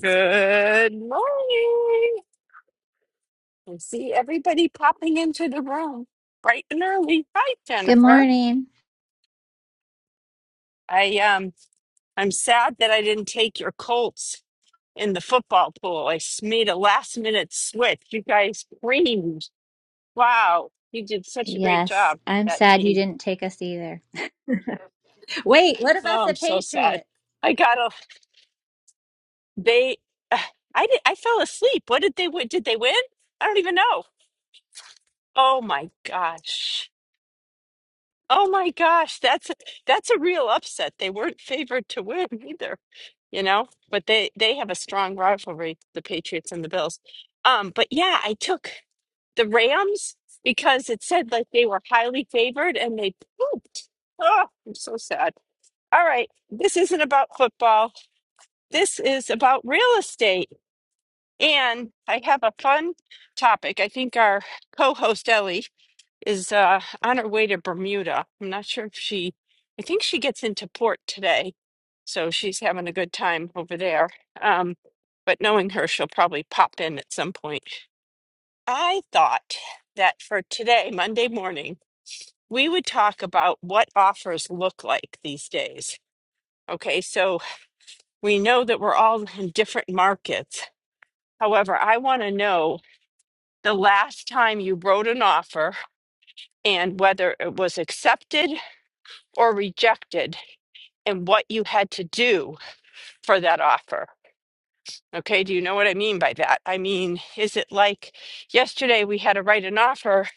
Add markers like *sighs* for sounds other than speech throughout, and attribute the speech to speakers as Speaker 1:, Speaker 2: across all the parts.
Speaker 1: Good morning. I see everybody popping into the room bright and early. Hi,
Speaker 2: Good
Speaker 1: Jennifer.
Speaker 2: morning.
Speaker 1: I um I'm sad that I didn't take your Colts in the football pool. I s- made a last minute switch. You guys screamed. Wow, you did such a great
Speaker 2: Yes,
Speaker 1: job,
Speaker 2: I'm
Speaker 1: that
Speaker 2: sad you
Speaker 1: team.
Speaker 2: didn't take us either. Wait, what about
Speaker 1: Oh,
Speaker 2: the
Speaker 1: I'm so sad.
Speaker 2: Patriots?
Speaker 1: I got a they I did I fell asleep. What did they win? Did they win? I don't even know. Oh my gosh. Oh my gosh, that's a, that's a real upset. They weren't favored to win either, you know, but they they have a strong rivalry, the Patriots and the Bills. Um, but yeah, I took the Rams because it said like they were highly favored and they pooped. Oh, I'm so sad. All right, this isn't about football. This is about real estate. And I have a fun topic. I think our co-host Ellie is uh, on her way to Bermuda. I'm not sure if she, I think she gets into port today. So she's having a good time over there. Um, but knowing her, she'll probably pop in at some point. I thought that for today, Monday morning, we would talk about what offers look like these days. Okay, so we know that we're all in different markets. However, I want to know the last time you wrote an offer and whether it was accepted or rejected and what you had to do for that offer. Okay, do you know what I mean by that? I mean, is it like yesterday we had to write an offer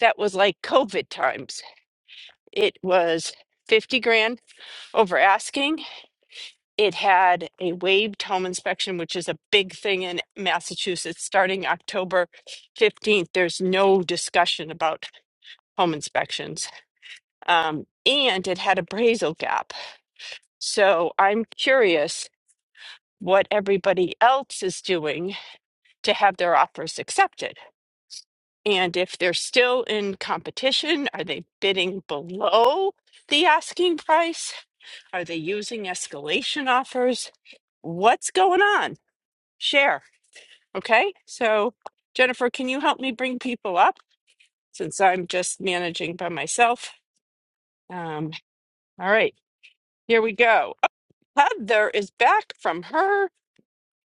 Speaker 1: that was like COVID times? It was 50 grand over asking. It had a waived home inspection, which is a big thing in Massachusetts starting October 15th. There's no discussion about home inspections. Um, and it had appraisal gap. So I'm curious what everybody else is doing to have their offers accepted. And if they're still in competition, are they bidding below the asking price? Are they using escalation offers? What's going on? Share. Okay. So, Jennifer, can you help me bring people up since I'm just managing by myself? Um, all right. Here we go. Heather is back from her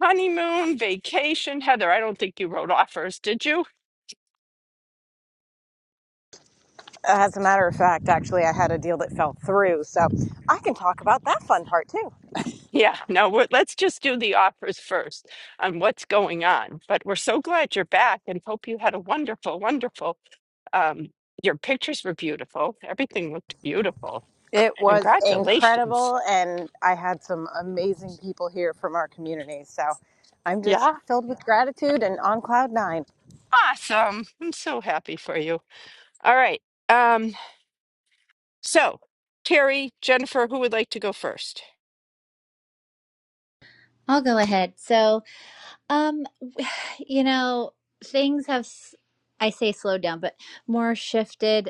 Speaker 1: honeymoon vacation. Heather, I don't think you wrote offers, did you?
Speaker 3: As a matter of fact, actually, I had a deal that fell through, so I can talk about that fun part too.
Speaker 1: Yeah, no, we're, let's just do the offers first on what's going on. But we're so glad you're back and hope you had a wonderful, wonderful, um, your pictures were beautiful. Everything looked beautiful.
Speaker 3: It was
Speaker 1: Congratulations.
Speaker 3: incredible, and I had some amazing people here from our community, so I'm just
Speaker 1: Yeah.
Speaker 3: filled with gratitude and on cloud nine.
Speaker 1: Awesome. I'm so happy for you. All right. Um, so Terry, Jennifer, who would like to go first?
Speaker 2: I'll go ahead. So, um, *sighs* you know, things have, s- I say slowed down, but more shifted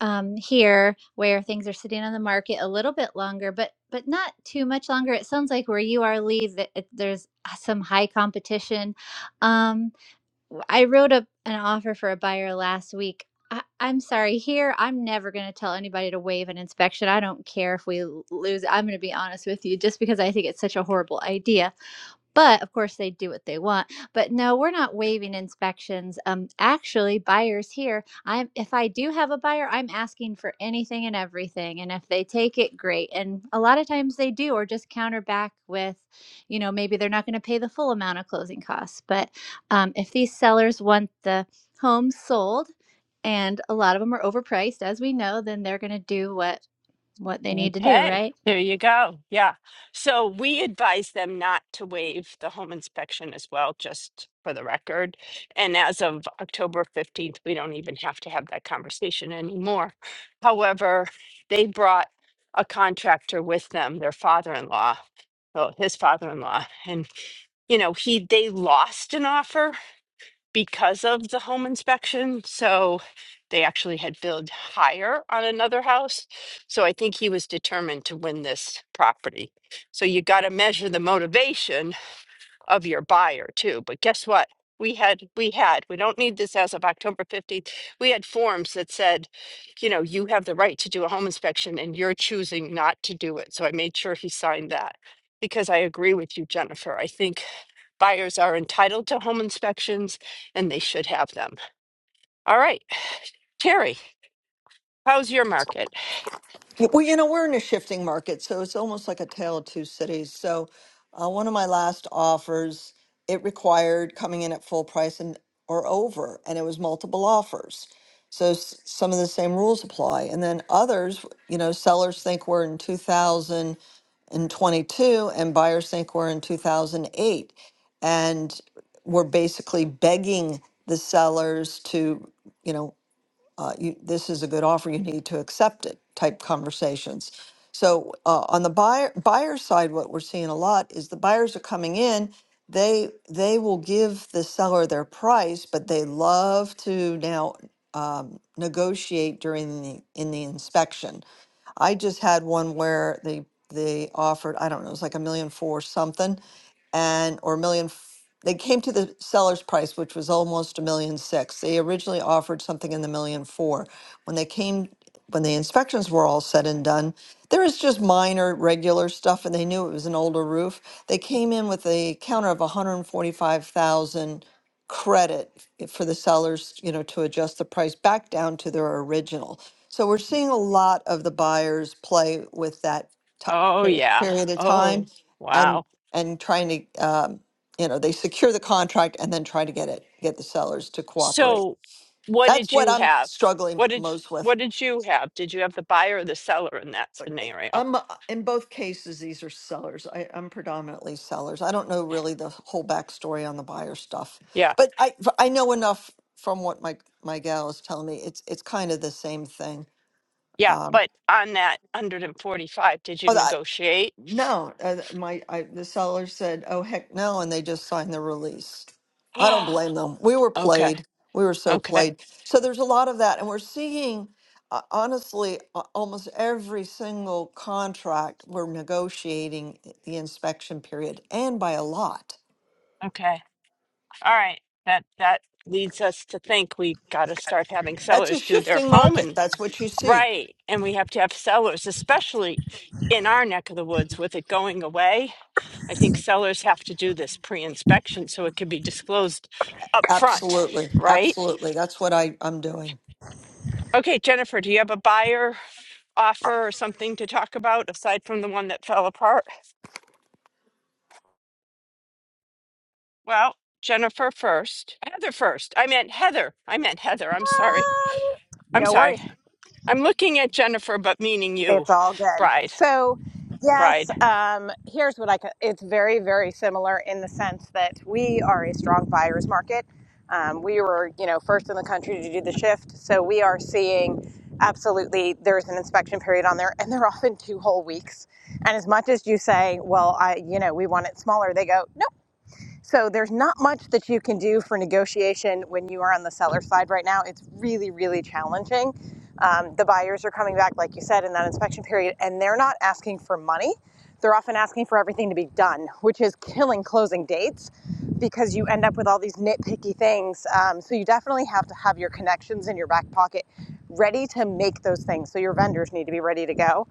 Speaker 2: um, here where things are sitting on the market a little bit longer, but but not too much longer. It sounds like where you are, Lee, that it- there's uh, some high competition. Um, I wrote up an offer for a buyer last week. I, I'm sorry, here, I'm never going to tell anybody to waive an inspection. I don't care if we l- lose. I'm going to be honest with you, just because I think it's such a horrible idea. But of course, they do what they want. But no, we're not waiving inspections. Um, actually, buyers here, I'm if I do have a buyer, I'm asking for anything and everything, and if they take it, great. And a lot of times they do, or just counter back with, you know, maybe they're not going to pay the full amount of closing costs. But um, if these sellers want the home sold, and a lot of them are overpriced, as we know, then they're going to do what what they need to do,
Speaker 1: Okay,
Speaker 2: right?
Speaker 1: there you go. Yeah. So we advise them not to waive the home inspection as well, just for the record. And as of October 15th, we don't even have to have that conversation anymore. However, they brought a contractor with them, their father-in-law, Oh, his father-in-law, and you know, he they lost an offer because of the home inspection. So they actually had billed higher on another house. So I think he was determined to win this property. So you got to measure the motivation of your buyer too. But guess what? We had, we had, we don't need this as of October 15th. We had forms that said, you know, you have the right to do a home inspection and you're choosing not to do it. So I made sure he signed that because I agree with you, Jennifer. I think Buyers are entitled to home inspections and they should have them. All right, Terry, how's your market?
Speaker 4: Well, you know, we're in a shifting market, so it's almost like a tale of two cities. So, uh, one of my last offers, it required coming in at full price and or over, and it was multiple offers. So s- some of the same rules apply, and then others, you know, sellers think we're in 2022, and twenty-two, and buyers think we're in 2008, and we're basically begging the sellers to, you know, uh, you, this is a good offer, you need to accept it type conversations. So uh, on the buyer buyer side, what we're seeing a lot is the buyers are coming in. They they will give the seller their price, but they love to now um, negotiate during the in the inspection I just had one where they they offered, I don't know, it was like a million four something and or a million f- they came to the seller's price which was almost a million six. They originally offered something in the million four. When they came when the inspections were all said and done, there was just minor regular stuff and they knew it was an older roof. They came in with a counter of 145,000 credit f- for the sellers, you know, to adjust the price back down to their original. So we're seeing a lot of the buyers play with that ti
Speaker 1: Oh, yeah.
Speaker 4: period of
Speaker 1: Oh,
Speaker 4: time and,
Speaker 1: wow.
Speaker 4: and trying to, um, you know, they secure the contract and then try to get it, get the sellers to cooperate.
Speaker 1: So, what
Speaker 4: That's
Speaker 1: did
Speaker 4: what
Speaker 1: you
Speaker 4: I'm
Speaker 1: have?
Speaker 4: struggling
Speaker 1: What did
Speaker 4: most with.
Speaker 1: what did you have? Did you have the buyer or the seller in that
Speaker 4: But I-
Speaker 1: scenario?
Speaker 4: I'm, uh, in both cases, these are sellers. I, I'm predominantly sellers. I don't know really the whole backstory on the buyer stuff,
Speaker 1: Yeah.
Speaker 4: but I, I know enough from what my, my gal is telling me. It's, it's kind of the same thing.
Speaker 1: Yeah,
Speaker 4: Um,
Speaker 1: but on that 145, did you negotiate?
Speaker 4: No, uh, my I, the seller said, "Oh heck no," and they just signed the release. I don't
Speaker 1: *gasps*
Speaker 4: blame them. We were
Speaker 1: okay.
Speaker 4: played. We were so
Speaker 1: Okay.
Speaker 4: played. So there's a lot of that, and we're seeing, uh, honestly, uh, almost every single contract we're negotiating the inspection period, and by a lot.
Speaker 1: Okay. All right. That that leads us to think we got to start having
Speaker 4: That's a
Speaker 1: sellers do their
Speaker 4: shifting market.
Speaker 1: home
Speaker 4: That's what you see.
Speaker 1: Right. And we have to have sellers, especially in our neck of the woods with it going away. I think sellers have to do this pre inspection so it can be disclosed up front,
Speaker 4: Absolutely,
Speaker 1: right?
Speaker 4: absolutely. That's what I I'm doing.
Speaker 1: Okay, Jennifer, do you have a buyer offer or something to talk about aside from the one that fell apart? Well, Jennifer first. Heather first. I meant Heather. I meant Heather. I'm sorry.
Speaker 3: Ah,
Speaker 1: I'm
Speaker 3: No worries.
Speaker 1: sorry. I'm looking at Jennifer, but meaning you,
Speaker 3: It's all good.
Speaker 1: bride.
Speaker 3: So, yes,
Speaker 1: Bride.
Speaker 3: um, here's what I could. It's very, very similar in the sense that we are a strong buyer's market. Um, we were, you know, first in the country to do the shift, so we are seeing absolutely. There's an inspection period on there, and they're *laughs* often two whole weeks. And as much as you say, well, I, you know, we want it smaller, they go, no, so there's not much that you can do for negotiation when you are on the seller side right now. It's really, really challenging. Um, the buyers are coming back, like you said, in that inspection period, and they're not asking for money. They're often asking for everything to be done, which is killing closing dates because you end up with all these nitpicky things. Um, so you definitely have to have your connections in your back pocket ready to make those things. So your vendors need to be ready to go.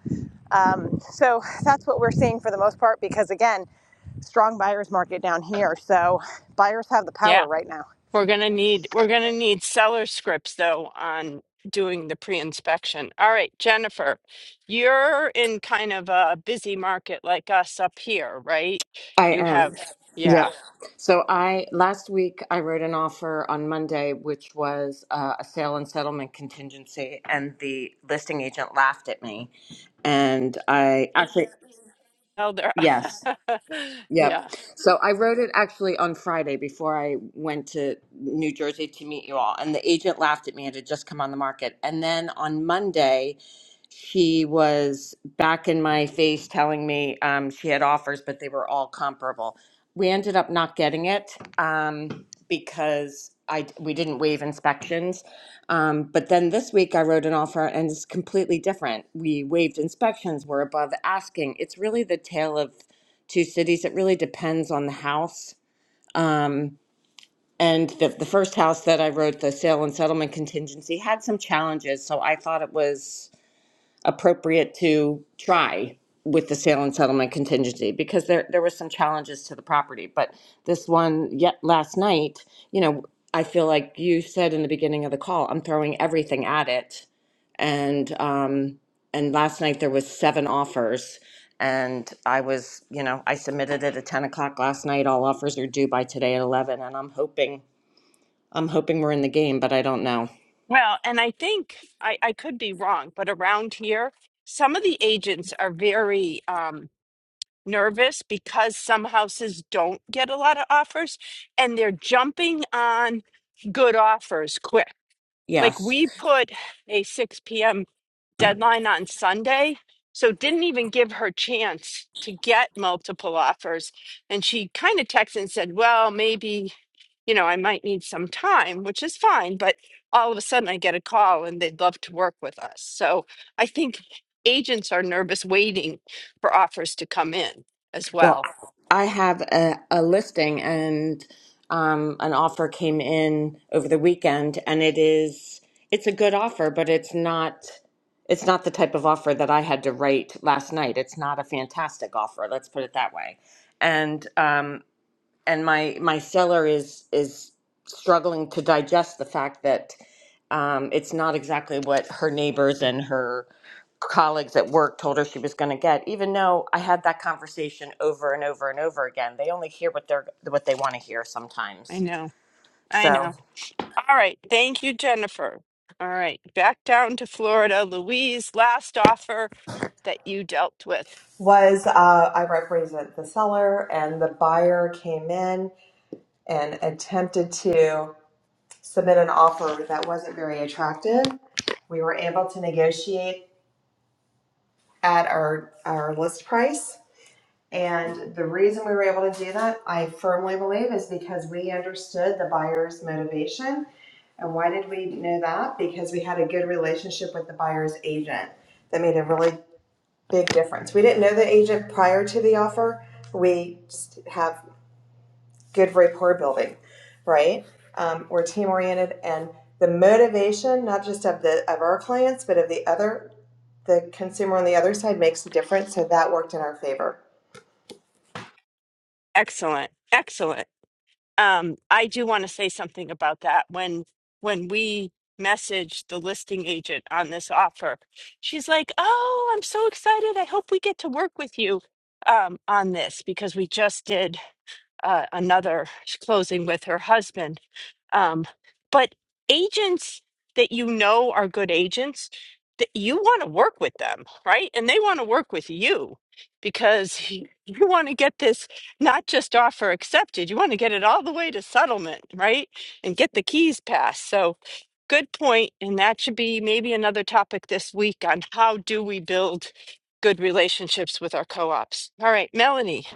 Speaker 3: Um, so that's what we're seeing for the most part because, again, strong buyer's market down here. So buyers have the
Speaker 1: Yeah.
Speaker 3: power right now.
Speaker 1: We're gonna need we're gonna need seller scripts though on doing the pre-inspection. All right, Jennifer, you're in kind of a busy market like us up here, right?
Speaker 5: I
Speaker 1: You
Speaker 5: am.
Speaker 1: have
Speaker 5: Yep.
Speaker 1: yeah.
Speaker 5: So I last week I wrote an offer on Monday, which was uh, a sale and settlement contingency, and the listing agent laughed at me. And I actually,
Speaker 1: Elder
Speaker 5: yes,
Speaker 1: *laughs* Yeah.
Speaker 5: Yep. So I wrote it actually on Friday before I went to New Jersey to meet you all. And the agent laughed at me. It had just come on the market. And then on Monday, she was back in my face telling me um, she had offers, but they were all comparable. We ended up not getting it um, because I we didn't waive inspections. Um, but then this week I wrote an offer and it's completely different. We waived inspections, we're above asking. It's really the tale of two cities. It really depends on the house. Um, and the, the first house that I wrote the sale and settlement contingency had some challenges, so I thought it was appropriate to try with the sale and settlement contingency because there there were some challenges to the property. But this one, yet last night, you know, I feel like you said in the beginning of the call, I'm throwing everything at it and um, and last night there was seven offers, and I was, you know, I submitted it at ten o'clock last night. All offers are due by today at eleven, and I'm hoping, I'm hoping we're in the game, but I don't know.
Speaker 1: Well, and I think I, I could be wrong, but around here, some of the agents are very um nervous because some houses don't get a lot of offers and they're jumping on good offers quick. Like
Speaker 5: Yes,
Speaker 1: we put a 6 p.m. deadline on Sunday, so didn't even give her chance to get multiple offers. And she kind of texted and said, "Well, maybe, you know, I might need some time," which is fine, but all of a sudden I get a call and they'd love to work with us. So I think agents are nervous waiting for offers to come in as
Speaker 5: well,
Speaker 1: well.
Speaker 5: I have a, a listing, and um, an offer came in over the weekend, and it is, it's a good offer, but it's not. It's not the type of offer that I had to write last night. It's not a fantastic offer, let's put it that way and um, and my my seller is is struggling to digest the fact that um, it's not exactly what her neighbors and her colleagues at work told her she was going to get. Even though I had that conversation over and over and over again, they only hear what they're what they want to hear
Speaker 1: I
Speaker 5: sometimes.
Speaker 1: know. I
Speaker 5: So.
Speaker 1: know. All right. Thank you, Jennifer. All right. Back down to Florida. Louise, last offer. that you dealt with.
Speaker 6: was uh, I represent the seller, and the buyer came in and attempted to submit an offer that wasn't very attractive. We were able to negotiate at our, our list price. And the reason we were able to do that, I firmly believe, is because we understood the buyer's motivation and why did we know that? Because we had a good relationship with the buyer's agent that made a really big difference. We didn't know the agent prior to the offer. We just have good rapport building, right? Um, we're team oriented, and the motivation not just of the of our clients, but of the other the consumer on the other side makes a difference. So that worked in our favor.
Speaker 1: Excellent. Excellent. Um, I do want to say something about that. When when we messaged the listing agent on this offer, she's like, Oh, I'm so excited. I hope we get to work with you um, on this because we just did uh, another closing with her husband Um, but agents that you know are good agents, that you want to work with them, right? And they want to work with you because y- you want to get this not just offer accepted, you want to get it all the way to settlement, right? And get the keys passed. So good point, And that should be maybe another topic this week on how do we build good relationships with our co ops. All right, Melanie,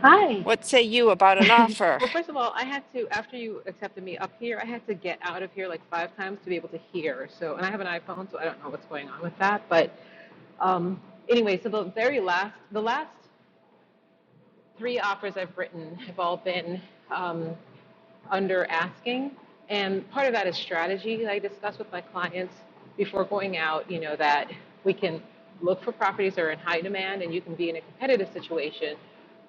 Speaker 7: Hi.
Speaker 1: what say you about
Speaker 7: *laughs*
Speaker 1: an offer?
Speaker 7: well, first of all, I had to, after you accepted me up here, I had to get out of here like five times to be able to hear. So, and I have an iPhone, so I don't know what's going on with that. But um, anyway, so the very last, the last three offers I've written have all been um, under asking. And part of that is strategy that I discuss with my clients before going out, you know, that we can look for properties that are in high demand and you can be in a competitive situation.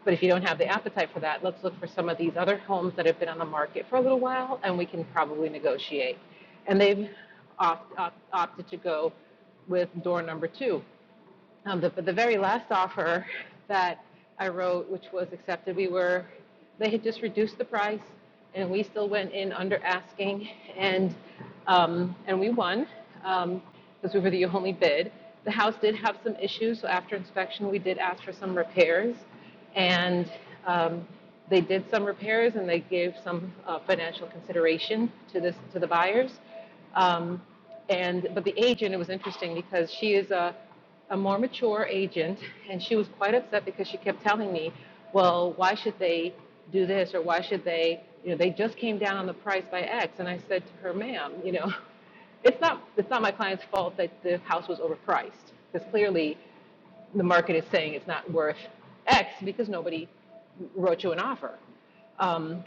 Speaker 7: But if you don't have the appetite for that, let's look for some of these other homes that have been on the market for a little while and we can probably negotiate. And they've opt, opt, opted to go with door number two. Um, the, but the very last offer that I wrote, which was accepted, we were, they had just reduced the price, and we still went in under asking, and um, and we won um, because we were the only bid. The house did have some issues, so after inspection, we did ask for some repairs, and um, they did some repairs, and they gave some uh, financial consideration to this to the buyers. Um, and but the agent, it was interesting because she is a, a more mature agent, and she was quite upset because she kept telling me, "Well, why should they do this or why should they? You know, they just came down on the price by X." And I said to her, "Ma'am, you know, *laughs* it's not it's not my client's fault that the house was overpriced because clearly." the market is saying it's not worth X because nobody wrote you an offer. Um,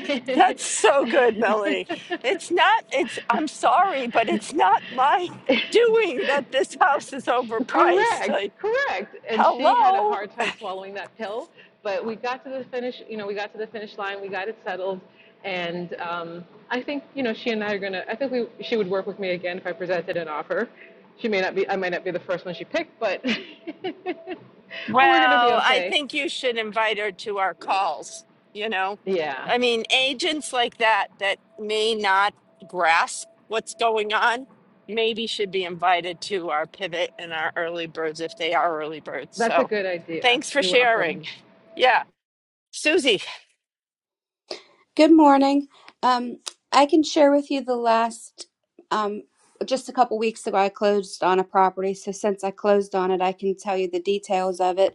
Speaker 1: *laughs* That's so good, Melanie. It's not, it's, I'm sorry, but it's not my *laughs* doing that this house is overpriced.
Speaker 7: Correct,
Speaker 1: Like,
Speaker 7: correct. And she had a
Speaker 1: hello?
Speaker 7: hard time swallowing that pill, but we got to the finish. You know, we got to the finish line. We got it settled, and um, I think you know she and I are gonna. I think we she would work with me again if I presented an offer. She may not be. I might not be the first one she picked, but *laughs* but we're gonna be
Speaker 1: Well, I
Speaker 7: okay.
Speaker 1: think you should invite her to our calls, you know?
Speaker 7: Yeah,
Speaker 1: I mean, agents like that that may not grasp what's going on maybe should be invited to our pivot and our early birds if they are early birds.
Speaker 7: that's a
Speaker 1: So
Speaker 7: good idea.
Speaker 1: thanks for
Speaker 7: You're welcome.
Speaker 1: sharing. Yeah. Susie.
Speaker 8: Good morning. Um, I can share with you the last, um, just a couple weeks ago, I closed on a property. So since I closed on it, I can tell you the details of it.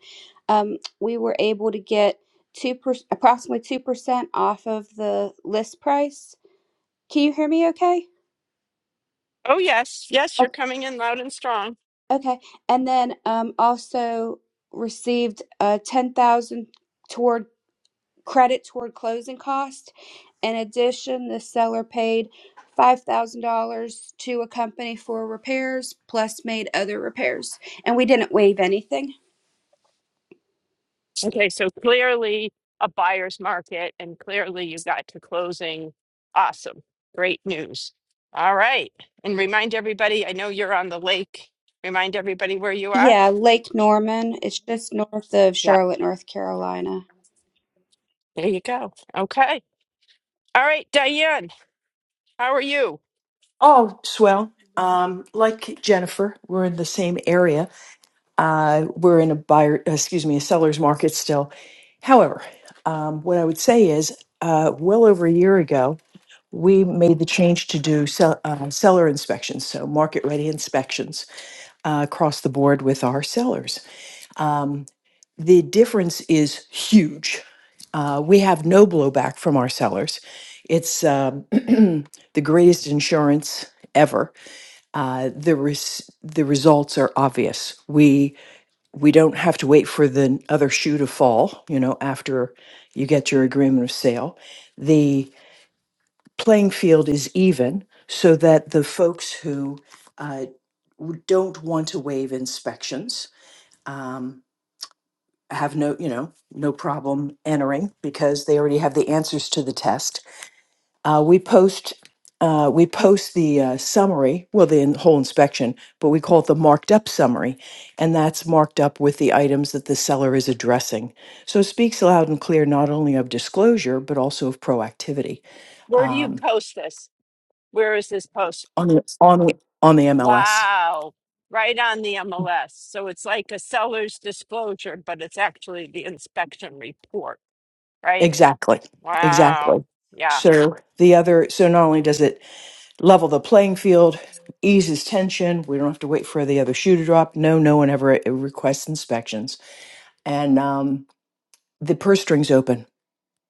Speaker 8: Um, we were able to get two per- approximately two percent off of the list price. Can you hear me? Okay.
Speaker 1: Oh, yes. Yes, you're
Speaker 8: O-
Speaker 1: coming in loud and strong.
Speaker 8: Okay. And then um, also received uh, ten thousand credit toward closing costs. In addition, the seller paid $5,000 to a company for repairs plus made other repairs. And we didn't waive anything.
Speaker 1: Okay, so clearly a buyer's market, and clearly you got to closing. Awesome. Great news. All right. And remind everybody, I know you're on the lake. Remind everybody where you are.
Speaker 8: Yeah, Lake Norman. It's just north of
Speaker 1: Yeah,
Speaker 8: Charlotte, North Carolina.
Speaker 1: there you go. Okay. All right, Diane, how are you?
Speaker 9: Oh, swell. Um, like Jennifer, we're in the same area. Uh, we're in a buyer, excuse me, a seller's market still. However, um, what I would say is, uh, well over a year ago, we made the change to do sell, uh, seller inspections, so market ready inspections uh, across the board with our sellers. Um, the difference is huge. Uh, we have no blowback from our sellers. It's um, *clears throat* the greatest insurance ever uh, the res- the results are obvious. We we don't have to wait for the other shoe to fall. You know, after you get your agreement of sale, the playing field is even, so that the folks who uh, w- don't want to waive inspections um, have no you know no problem entering because they already have the answers to the test uh, we post uh, we post the uh, summary, well, the in- whole inspection, but we call it the marked up summary, and that's marked up with the items that the seller is addressing. So it speaks loud and clear not only of disclosure but also of proactivity
Speaker 1: Where do you
Speaker 9: um,
Speaker 1: post this? Where is this post?
Speaker 9: on the on the on the MLS.
Speaker 1: Wow. Right on the MLS. So it's like a seller's disclosure, but it's actually the inspection report, right?
Speaker 9: Exactly,
Speaker 1: Wow.
Speaker 9: exactly.
Speaker 1: Yeah.
Speaker 9: So the other, so not only does it level the playing field, eases tension. We don't have to wait for the other shoe to drop. No, no one ever uh, requests inspections and. Um, The purse strings open.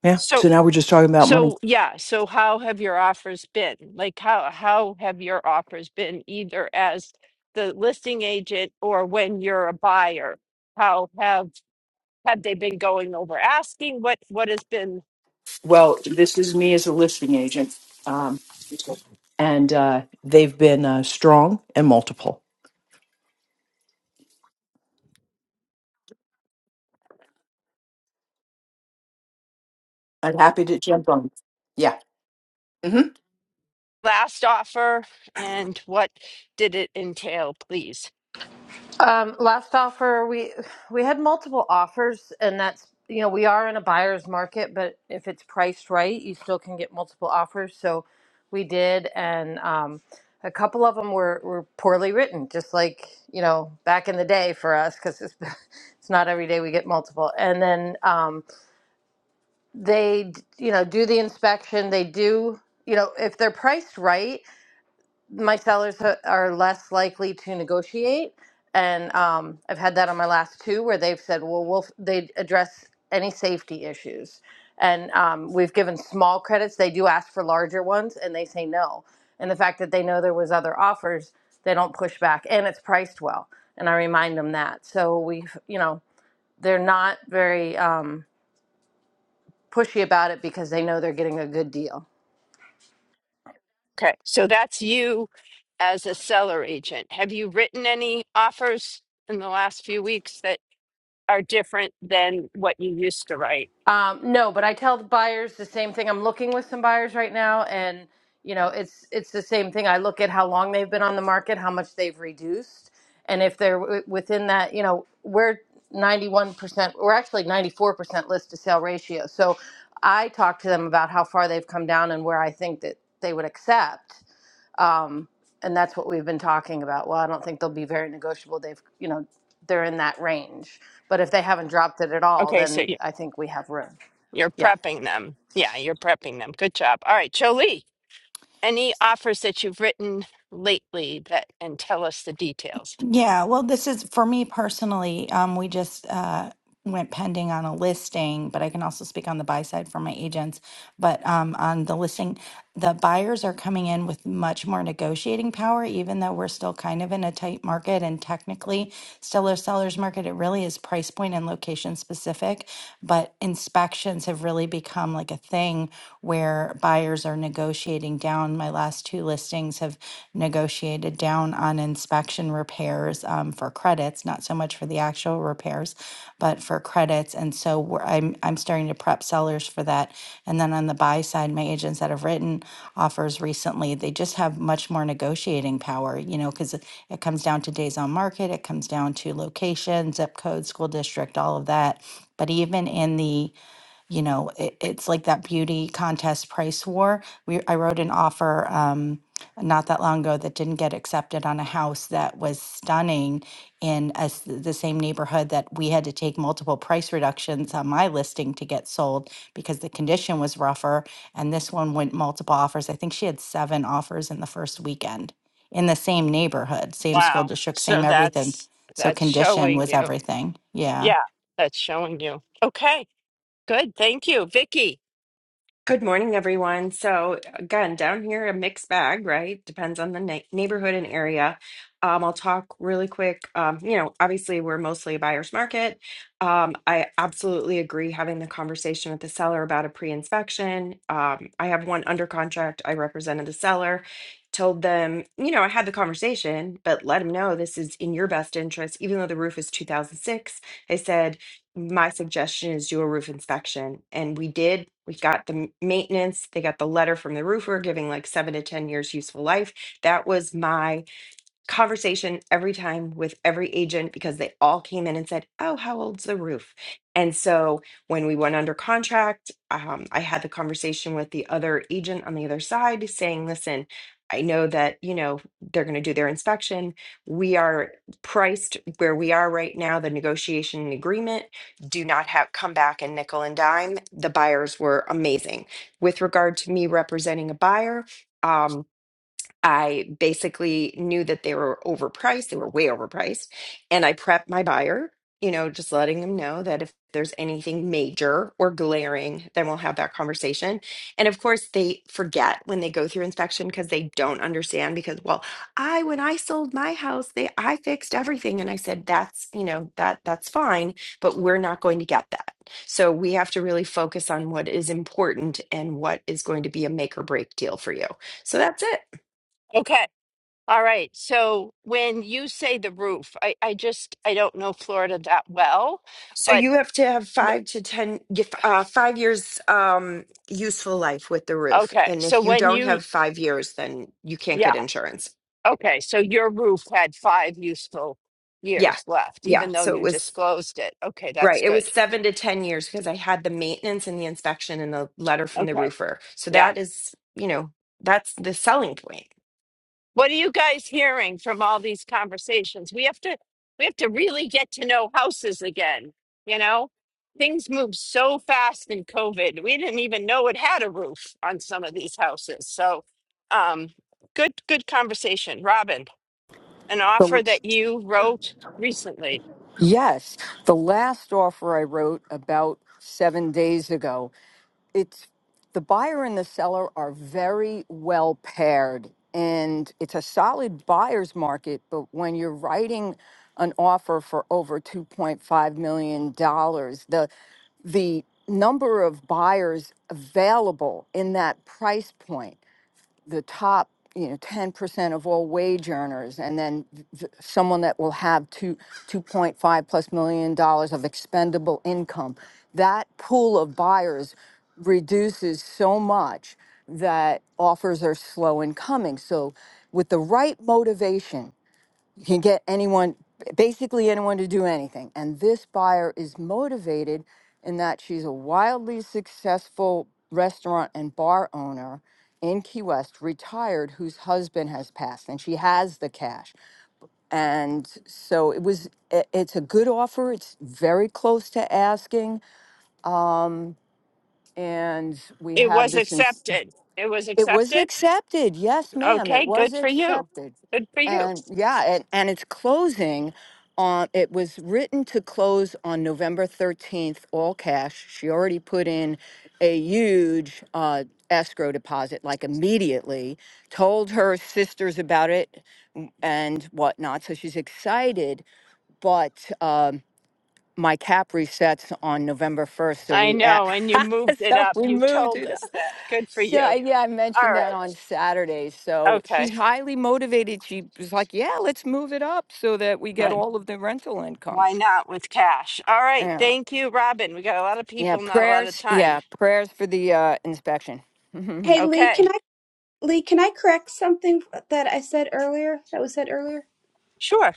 Speaker 9: Yeah.
Speaker 1: So
Speaker 9: So now we're just talking about money.
Speaker 1: so yeah, so how have your offers been? Like how how have your offers been either as the listing agent or when you're a buyer? How have have they been going over asking? What what has been
Speaker 9: Well, this is me as a listing agent. Um, and uh, they've been uh, strong and multiple. I'm happy to jump on. Yeah. Mm-hmm.
Speaker 1: last offer and what did it entail, please?
Speaker 10: Um, last offer, we we had multiple offers, and that's you know we are in a buyer's market, but if it's priced right, you still can get multiple offers. So we did, and um, a couple of them were were poorly written, just like you know back in the day for us, because it's *laughs* it's not every day we get multiple. And then um, they d- you know do the inspection, they do you know if they're priced right my sellers ha- are less likely to negotiate and um, i've had that on my last two where they've said well we'll they address any safety issues and um, we've given small credits they do ask for larger ones and they say no and the fact that they know there was other offers they don't push back and it's priced well and i remind them that so we've you know they're not very um, pushy about it because they know they're getting a good deal
Speaker 1: Okay, so that's you as a seller agent. Have you written any offers in the last few weeks that are different than what you used to write?
Speaker 10: Um, no, but I tell the buyers the same thing. I'm looking with some buyers right now, and you know, it's it's the same thing. I look at how long they've been on the market, how much they've reduced, and if they're w- within that, you know, we're 91%, we're actually 94% list to sale ratio. So I talk to them about how far they've come down and where I think that they would accept. Um, and that's what we've been talking about. Well, I don't think they'll be very negotiable. They've, you know, they're in that range. But if they haven't dropped it at all,
Speaker 1: Okay, so
Speaker 10: then
Speaker 1: you-
Speaker 10: I think we have room.
Speaker 1: you're
Speaker 10: Yeah.
Speaker 1: prepping them. Yeah, you're prepping them. Good job. All right, Jolie, any offers that you've written lately that and tell us the details.
Speaker 11: Yeah, well, this is for me personally. Um, we just uh, went pending on a listing, but I can also speak on the buy side for my agents. But um, on the listing, the buyers are coming in with much more negotiating power, even though we're still kind of in a tight market and technically still a seller's market. It really is price point and location specific, but inspections have really become like a thing where buyers are negotiating down. My last two listings have negotiated down on inspection repairs um, for credits, not so much for the actual repairs, but for credits. And so we're, I'm, I'm starting to prep sellers for that. And then on the buy side, my agents that have written offers recently, they just have much more negotiating power, you know, because it, it comes down to days on market, it comes down to location, zip code, school district, all of that. But even in the you know it, it's like that beauty contest price war we i wrote an offer um not that long ago that didn't get accepted on a house that was stunning in a s the same neighborhood that we had to take multiple price reductions on my listing to get sold because the condition was rougher and this one went multiple offers i think she had seven offers in the first weekend in the same neighborhood same school
Speaker 1: Wow.
Speaker 11: district
Speaker 1: So
Speaker 11: same everything
Speaker 1: that's
Speaker 11: so
Speaker 1: that's
Speaker 11: condition
Speaker 1: showing
Speaker 11: was
Speaker 1: you.
Speaker 11: everything yeah
Speaker 1: Yeah, that's showing you. Okay. Good, thank you, Vicky.
Speaker 12: Good morning, everyone. So, again, down here, a mixed bag, right? Depends on the nei- neighborhood and area. Um, I'll talk really quick. Um, you know, obviously, we're mostly a buyer's market. Um, I absolutely agree having the conversation with the seller about a pre-inspection. Um, I have one under contract. I represented the seller, told them, you know, I had the conversation, but let them know this is in your best interest, even though the roof is 2006. I said my suggestion is do a roof inspection. And we did, we got the m- maintenance, they got the letter from the roofer giving like seven to 10 years useful life. That was my conversation every time with every agent because they all came in and said, "Oh, how old's the roof?" And so when we went under contract, um, I had the conversation with the other agent on the other side, saying, "Listen, I know that you know they're going to do their inspection. We are priced where we are right now. The negotiation and agreement do not have come back and nickel and dime. The buyers were amazing with regard to me representing a buyer." Um, I basically knew that they were overpriced. They were way overpriced. And I prepped my buyer, you know, just letting them know that if there's anything major or glaring, then we'll have that conversation. And of course, they forget when they go through inspection because they don't understand. Because, well, I, when I sold my house, they, I fixed everything. And I said, that's, you know, that, that's fine, but we're not going to get that. So we have to really focus on what is important and what is going to be a make or break deal for you. So that's it.
Speaker 1: Okay, all right. So when you say the roof, I, I just I don't know Florida that well,
Speaker 12: So
Speaker 1: but
Speaker 12: you have to have
Speaker 1: w-
Speaker 12: five to ten, gif- uh, five years um, useful life with the roof,
Speaker 1: okay.
Speaker 12: and
Speaker 1: So
Speaker 12: if you
Speaker 1: when
Speaker 12: don't
Speaker 1: you,
Speaker 12: have five years, then you can't
Speaker 1: yeah,
Speaker 12: get insurance.
Speaker 1: okay. So your roof had five useful
Speaker 12: Yeah,
Speaker 1: years left,
Speaker 12: yeah.
Speaker 1: even though
Speaker 12: So it
Speaker 1: you
Speaker 12: was
Speaker 1: disclosed it. Okay, that's
Speaker 12: right. It was
Speaker 1: good.
Speaker 12: seven to ten years because I had the maintenance and the inspection and the letter from the
Speaker 1: Okay,
Speaker 12: roofer. So
Speaker 1: yeah.
Speaker 12: that is, you know, that's the selling point.
Speaker 1: What are you guys hearing from all these conversations? We have to we have to really get to know houses again, you know? Things move so fast in COVID. We didn't even know it had a roof on some of these houses. So, um good good conversation, Robin. An offer
Speaker 13: The,
Speaker 1: that you wrote recently.
Speaker 13: yes, the last offer I wrote about seven days ago. It's the buyer and the seller are very well paired, and it's a solid buyer's market. But when you're writing an offer for over two point five million dollars, the the number of buyers available in that price point the top you know 10% of all wage earners and then th- th- someone that will have two 2.5 plus million dollars of expendable income that pool of buyers reduces so much that offers are slow in coming so with the right motivation you can get anyone, basically anyone, to do anything. And this buyer is motivated in that she's a wildly successful restaurant and bar owner in Key West, retired, whose husband has passed, and she has the cash. And so it was. i- It's a good offer. It's very close to asking. Um, and we
Speaker 1: It
Speaker 13: have
Speaker 1: was
Speaker 13: this in.
Speaker 1: accepted. It was
Speaker 13: It was
Speaker 1: accepted?
Speaker 13: accepted. Yes, ma'am. It
Speaker 1: Okay,
Speaker 13: was
Speaker 1: good for you.
Speaker 13: accepted.
Speaker 1: Good for you.
Speaker 13: And yeah, and, and it's closing on, it was written to close on November 13th, all cash. She already put in a huge uh, escrow deposit, like immediately, told her sisters about it m- and whatnot. So she's excited, but um, my cap resets on November 1st. So
Speaker 1: I
Speaker 13: we, a-
Speaker 1: know, and you
Speaker 13: *laughs*
Speaker 1: moved it
Speaker 13: so
Speaker 1: up.
Speaker 13: we
Speaker 1: You
Speaker 13: moved
Speaker 1: told
Speaker 13: it
Speaker 1: us that. Good for
Speaker 13: so
Speaker 1: you.
Speaker 13: I- yeah, I
Speaker 1: All
Speaker 13: mentioned that
Speaker 1: right.
Speaker 13: on Saturday. So
Speaker 1: Okay.
Speaker 13: she's highly motivated. She was like, "Yeah, let's move it up so that we get
Speaker 1: Good.
Speaker 13: all of the rental income."
Speaker 1: Why not with cash? All right.
Speaker 13: Yeah,
Speaker 1: Thank you, Robin. We got a lot of
Speaker 13: yeah.
Speaker 1: people, not a lot of
Speaker 13: Prayers,
Speaker 1: time.
Speaker 13: yeah, prayers for the uh, inspection. *laughs*
Speaker 8: Hey Lee, can
Speaker 1: Okay.
Speaker 8: I Lee, can I correct something that I said earlier? That was said earlier?
Speaker 1: Sure.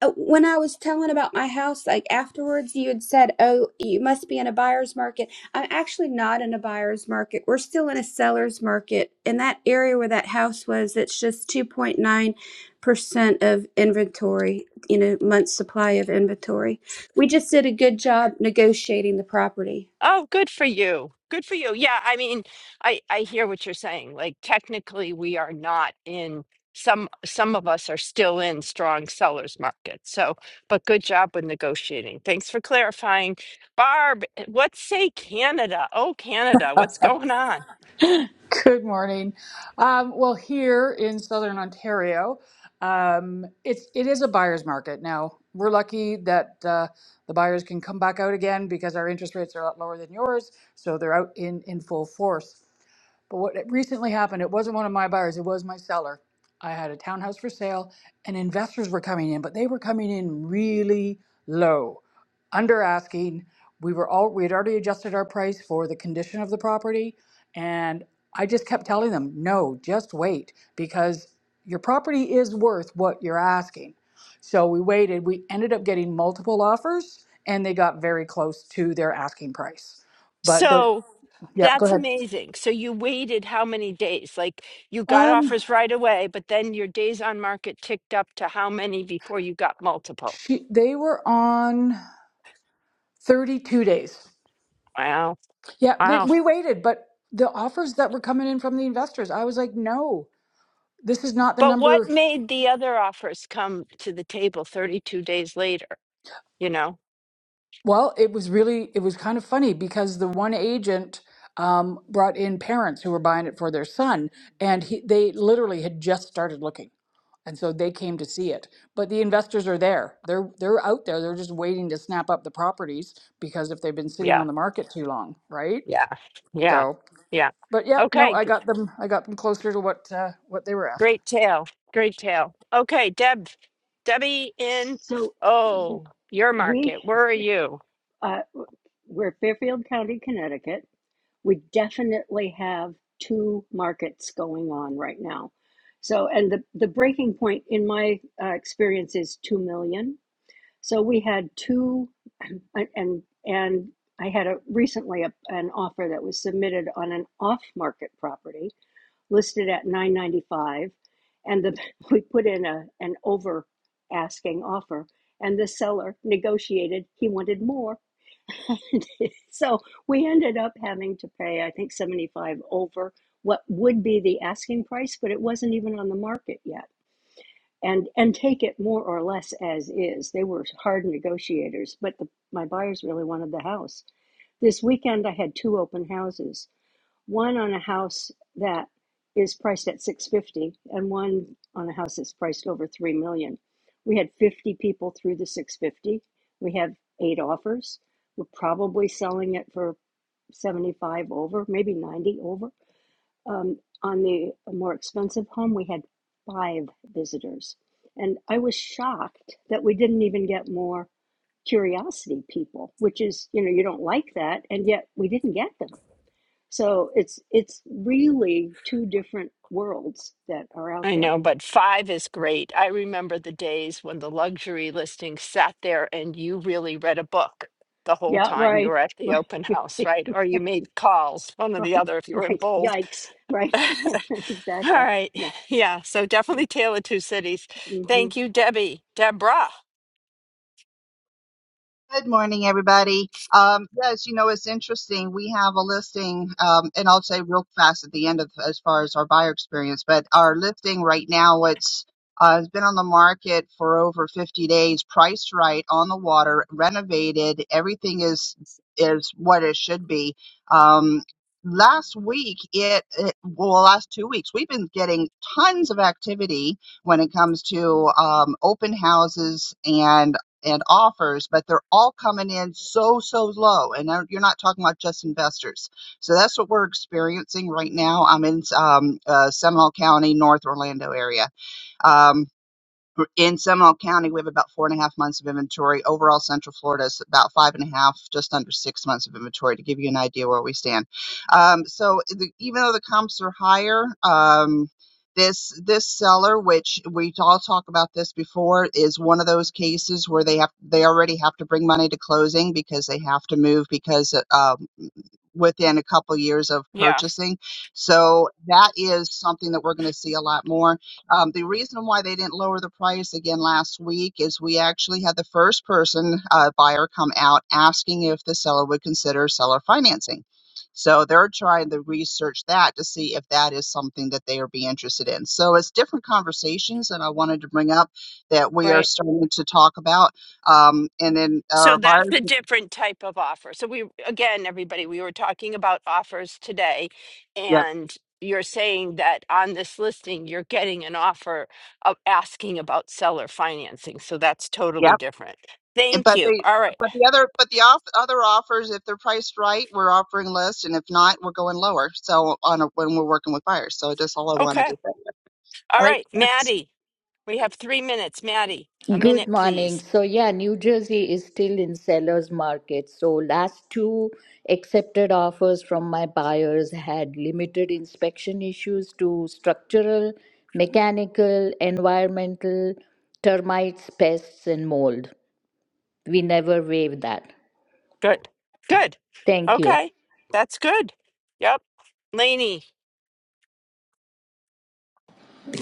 Speaker 8: uh, when I was telling about my house, like afterwards, you had said, "Oh, you must be in a buyer's market." I'm actually not in a buyer's market. We're still in a seller's market. In that area where that house was, it's just 2.9 percent of inventory. You know, month supply of inventory. We just did a good job negotiating the property.
Speaker 1: Oh, good for you. Good for you. Yeah, I mean, I I hear what you're saying. Like technically we are not in some some of us are still in strong sellers market. So, but good job with negotiating. Thanks for clarifying. Barb, what say Canada? Oh, Canada, what's going on?
Speaker 14: Good morning. Um, well, here in southern Ontario, um, it's it is a buyer's market now. We're lucky that uh, the buyers can come back out again because our interest rates are a lot lower than yours, so they're out in in full force. But what it recently happened, it wasn't one of my buyers, it was my seller. I had a townhouse for sale and investors were coming in, but they were coming in really low, under asking. We were all we had already adjusted our price for the condition of the property and I just kept telling them, no, just wait because your property is worth what you're asking. So we waited. We ended up getting multiple offers and they got very close to their asking price. But the,
Speaker 1: So,
Speaker 14: yep, go
Speaker 1: That's
Speaker 14: ahead.
Speaker 1: amazing. So you waited how many days? Like you got
Speaker 14: Um,
Speaker 1: offers right away, but then your days on market ticked up to how many before you got multiple?
Speaker 14: she, they were on 32 days.
Speaker 1: Wow.
Speaker 14: Yeah, they,
Speaker 1: Wow.
Speaker 14: we waited, but the offers that were coming in from the investors, I was like, no, this is not the
Speaker 1: But what
Speaker 14: number.
Speaker 1: made the other offers come to the table 32 days later, you know?
Speaker 14: Well, it was really, it was kind of funny because the one agent um, brought in parents who were buying it for their son, and he, they literally had just started looking, and so they came to see it. But the investors are there; they're they're out there. They're just waiting to snap up the properties because if they've been sitting
Speaker 1: Yeah.
Speaker 14: on the market too long, right?
Speaker 1: Yeah. Yeah.
Speaker 14: So,
Speaker 1: Yeah.
Speaker 14: but yep, no,
Speaker 1: Okay.
Speaker 14: I
Speaker 1: g-
Speaker 14: got them. I got them closer to what uh, what they were asking.
Speaker 1: Great tale. Great tale. Okay, Deb, Debbie in
Speaker 15: So
Speaker 1: oh, your
Speaker 15: we
Speaker 1: market. Where are you?
Speaker 15: uh, we're Fairfield County, Connecticut. We definitely have two markets going on right now. So, and the, the breaking point in my uh, experience is 2 million. So we had two, *clears throat* and, and and I had a recently a, an offer that was submitted on an off market property listed at 995 and the *laughs* we put in a an over asking offer and the seller negotiated he wanted more *laughs* so we ended up having to pay i think 75 over what would be the asking price but it wasn't even on the market yet and and take it more or less as is they were hard negotiators but the, my buyers really wanted the house this weekend i had two open houses one on a house that is priced at 650 and one on a house that's priced over 3 million we had 50 people through the 650 we have eight offers we're probably selling it for 75 over maybe 90 over um, on the more expensive home we had five visitors and i was shocked that we didn't even get more curiosity people which is you know you don't like that and yet we didn't get them so it's it's really two different worlds that are out
Speaker 1: I
Speaker 15: there.
Speaker 1: know, but five is great. I remember the days when the luxury listing sat there and you really read a book the whole
Speaker 15: Yeah,
Speaker 1: time you
Speaker 15: right,
Speaker 1: were at the
Speaker 15: right,
Speaker 1: open house,
Speaker 15: *laughs*
Speaker 1: right? Or you made calls, one or the
Speaker 15: right,
Speaker 1: other if you were in
Speaker 15: right.
Speaker 1: bold.
Speaker 15: Yikes,
Speaker 1: *laughs*
Speaker 15: right? *laughs*
Speaker 1: All
Speaker 15: exactly.
Speaker 1: right.
Speaker 15: Yeah,
Speaker 1: Yeah. So
Speaker 15: yeah.
Speaker 1: definitely Tale of Two Cities.
Speaker 15: Mm-hmm.
Speaker 1: Thank you, Debbie. Deborah.
Speaker 16: Good morning, everybody. Um, yes, you know, it's interesting. We have a listing, um, and I'll say real fast at the end of as far as our buyer experience, but our listing right now, it's uh, has been on the market for over 50 days, priced right, on the water, renovated. Everything is is what it should be. Um, last week, it, it well, last two weeks, we've been getting tons of activity when it comes to um, open houses and and offers, but they're all coming in so, so low. And now you're not talking about just investors. So that's what we're experiencing right now. I'm in um, uh, Seminole County, North Orlando area. Um, in Seminole County, we have about four and a half months of inventory. Overall, Central Florida is about five and a half, just under six months of inventory to give you an idea where we stand. Um, so the, even though the comps are higher, um, this this seller, which we all talk about this before, is one of those cases where they have they already have to bring money to closing because they have to move because uh, within a couple years of
Speaker 1: Yeah.
Speaker 16: purchasing. So that is something that we're going to see a lot more. Um, the reason why they didn't lower the price again last week is we actually had the first person uh, buyer come out asking if the seller would consider seller financing. So they're trying to research that to see if that is something that they would be interested in. So it's different conversations, that I wanted to bring up that we are
Speaker 1: right.
Speaker 16: starting to talk about. Um, and then
Speaker 1: So
Speaker 16: our
Speaker 1: that's
Speaker 16: buyers,
Speaker 1: a different type of offer. So we again, everybody, we were talking about offers today,
Speaker 16: yep,
Speaker 1: and you're saying that on this listing, you're getting an offer of asking about seller financing. So that's
Speaker 16: yep.
Speaker 1: totally different.
Speaker 16: And-
Speaker 1: Thank
Speaker 16: But
Speaker 1: you.
Speaker 16: the
Speaker 1: All right.
Speaker 16: but the other but the off, other offers, if they're priced right, we're offering list, and if not, we're going lower. So on a, when we're working with buyers, so that's all I wanted to
Speaker 1: Okay.
Speaker 16: say.
Speaker 1: All
Speaker 16: All right,
Speaker 1: right, Maddie. We have three minutes. Maddie, a
Speaker 17: Good
Speaker 1: minute,
Speaker 17: morning.
Speaker 1: please.
Speaker 17: So, yeah, New Jersey is still in seller's market. So, last two accepted offers from my buyers had limited inspection issues to structural, mechanical, environmental, termites, pests, and mold. We never waive that.
Speaker 1: Good. Good.
Speaker 17: Thank you.
Speaker 1: Okay. That's good. Yep. Laney,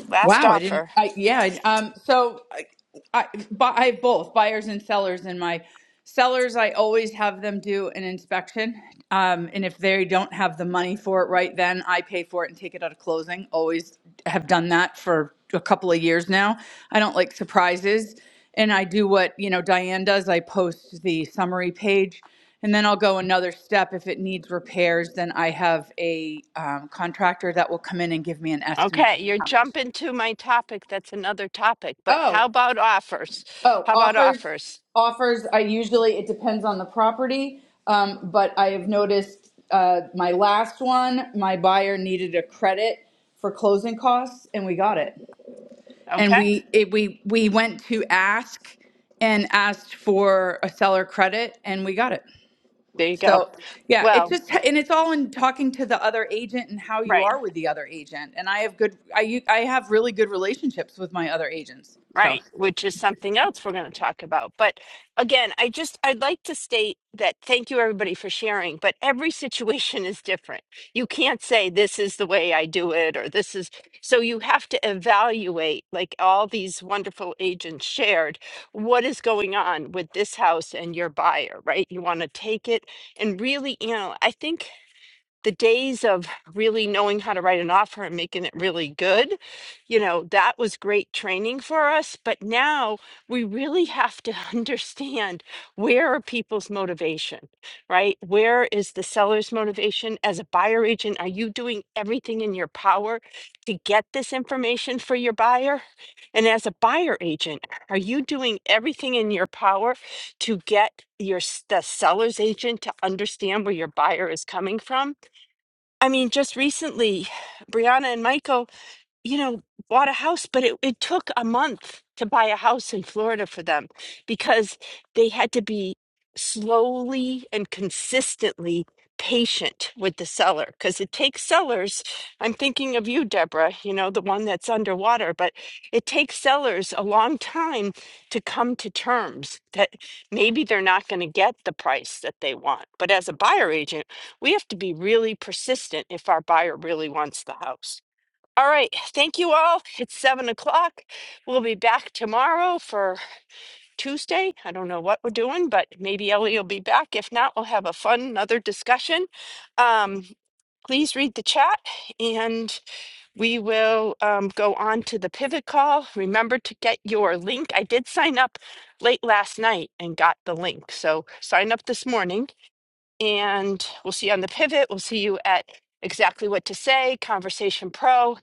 Speaker 1: last
Speaker 18: Wow, I didn't.
Speaker 1: offer.
Speaker 18: I yeah. I- Um. So I, I, bu- I have both buyers and sellers in my sellers. I always have them do an inspection. Um. And if they don't have the money for it right then, I pay for it and take it out of closing. Always have done that for a couple of years now. I don't like surprises, and I do what you know Diane does. I post the summary page. And then I'll go another step. If it needs repairs, then I have a um, contractor that will come in and give me an estimate
Speaker 1: Okay,
Speaker 18: on
Speaker 1: you're
Speaker 18: how much.
Speaker 1: jumping to my topic. That's another topic. But how
Speaker 18: Oh,
Speaker 1: about offers?
Speaker 18: oh,
Speaker 1: How about
Speaker 18: offers,
Speaker 1: offers?
Speaker 18: offers. I usually it depends on the property, um, but I have noticed uh, my last one, my buyer needed a credit for closing costs, and we got it. And
Speaker 1: Okay,
Speaker 18: we it, we we went to ask and asked for a seller credit, and we got it.
Speaker 1: there you go.
Speaker 18: So yeah, it's
Speaker 1: Well,
Speaker 18: just and it's all in talking to the other agent and how you
Speaker 1: right.
Speaker 18: are with the other agent. And I have good, I u- I have really good relationships with my other agents. So.
Speaker 1: Right, which is something else we're going to talk about. But again, I just I'd like to state that thank you everybody for sharing, but every situation is different. You can't say this is the way I do it or this is so you have to evaluate like all these wonderful agents shared what is going on with this house and your buyer, right? You want to take it and really, you know, I think the days of really knowing how to write an offer and making it really good, you know, that was great training for us. But now we really have to *laughs* understand where are people's motivation, right? Where is the seller's motivation? As a buyer agent, are you doing everything in your power to get this information for your buyer? And as a buyer agent, are you doing everything in your power to get your s- the seller's agent to understand where your buyer is coming from? I mean, just recently, Brianna and Michael you know, bought a house, but it, it took a month to buy a house in Florida for them because they had to be slowly and consistently patient with the seller because it takes sellers. I'm thinking of you, Deborah, you know, the one that's underwater, but it takes sellers a long time to come to terms that maybe they're not going to get the price that they want. But as a buyer agent, we have to be really persistent if our buyer really wants the house. All right. Thank you all. It's seven o'clock. We'll be back tomorrow for Tuesday. I don't know what we're doing, but maybe Ellie will be back. If not, we'll have a fun another discussion. Um, please read the chat and we will um, go on to the pivot call. Remember to get your link. I did sign up late last night and got the link. So sign up this morning and we'll see you on the pivot. We'll see you at exactly what to say, Conversation Pro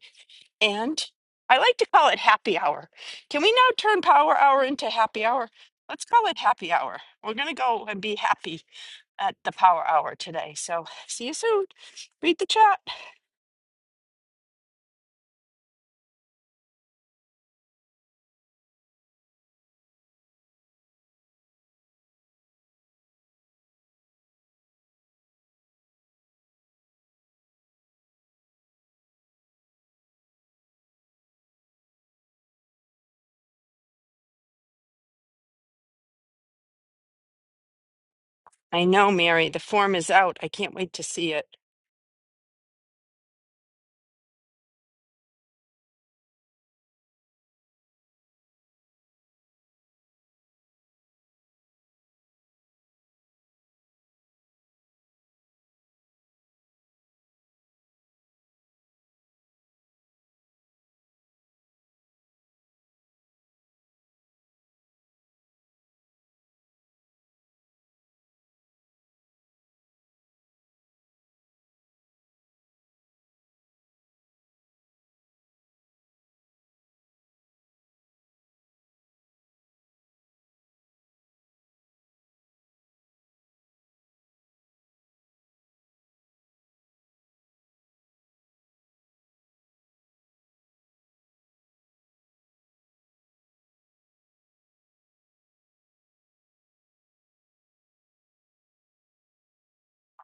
Speaker 1: and I like to call it happy hour. Can we now turn power hour into happy hour? Let's call it happy hour. We're going to go and be happy at the power hour today. So see you soon. Read the chat. I know, Mary. The form is out. I can't wait to see it.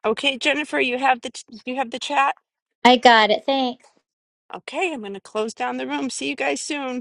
Speaker 1: Okay, Jennifer, you have the you have the chat.
Speaker 2: I got it. Thanks.
Speaker 1: Okay, I'm going to close down the room. See you guys soon.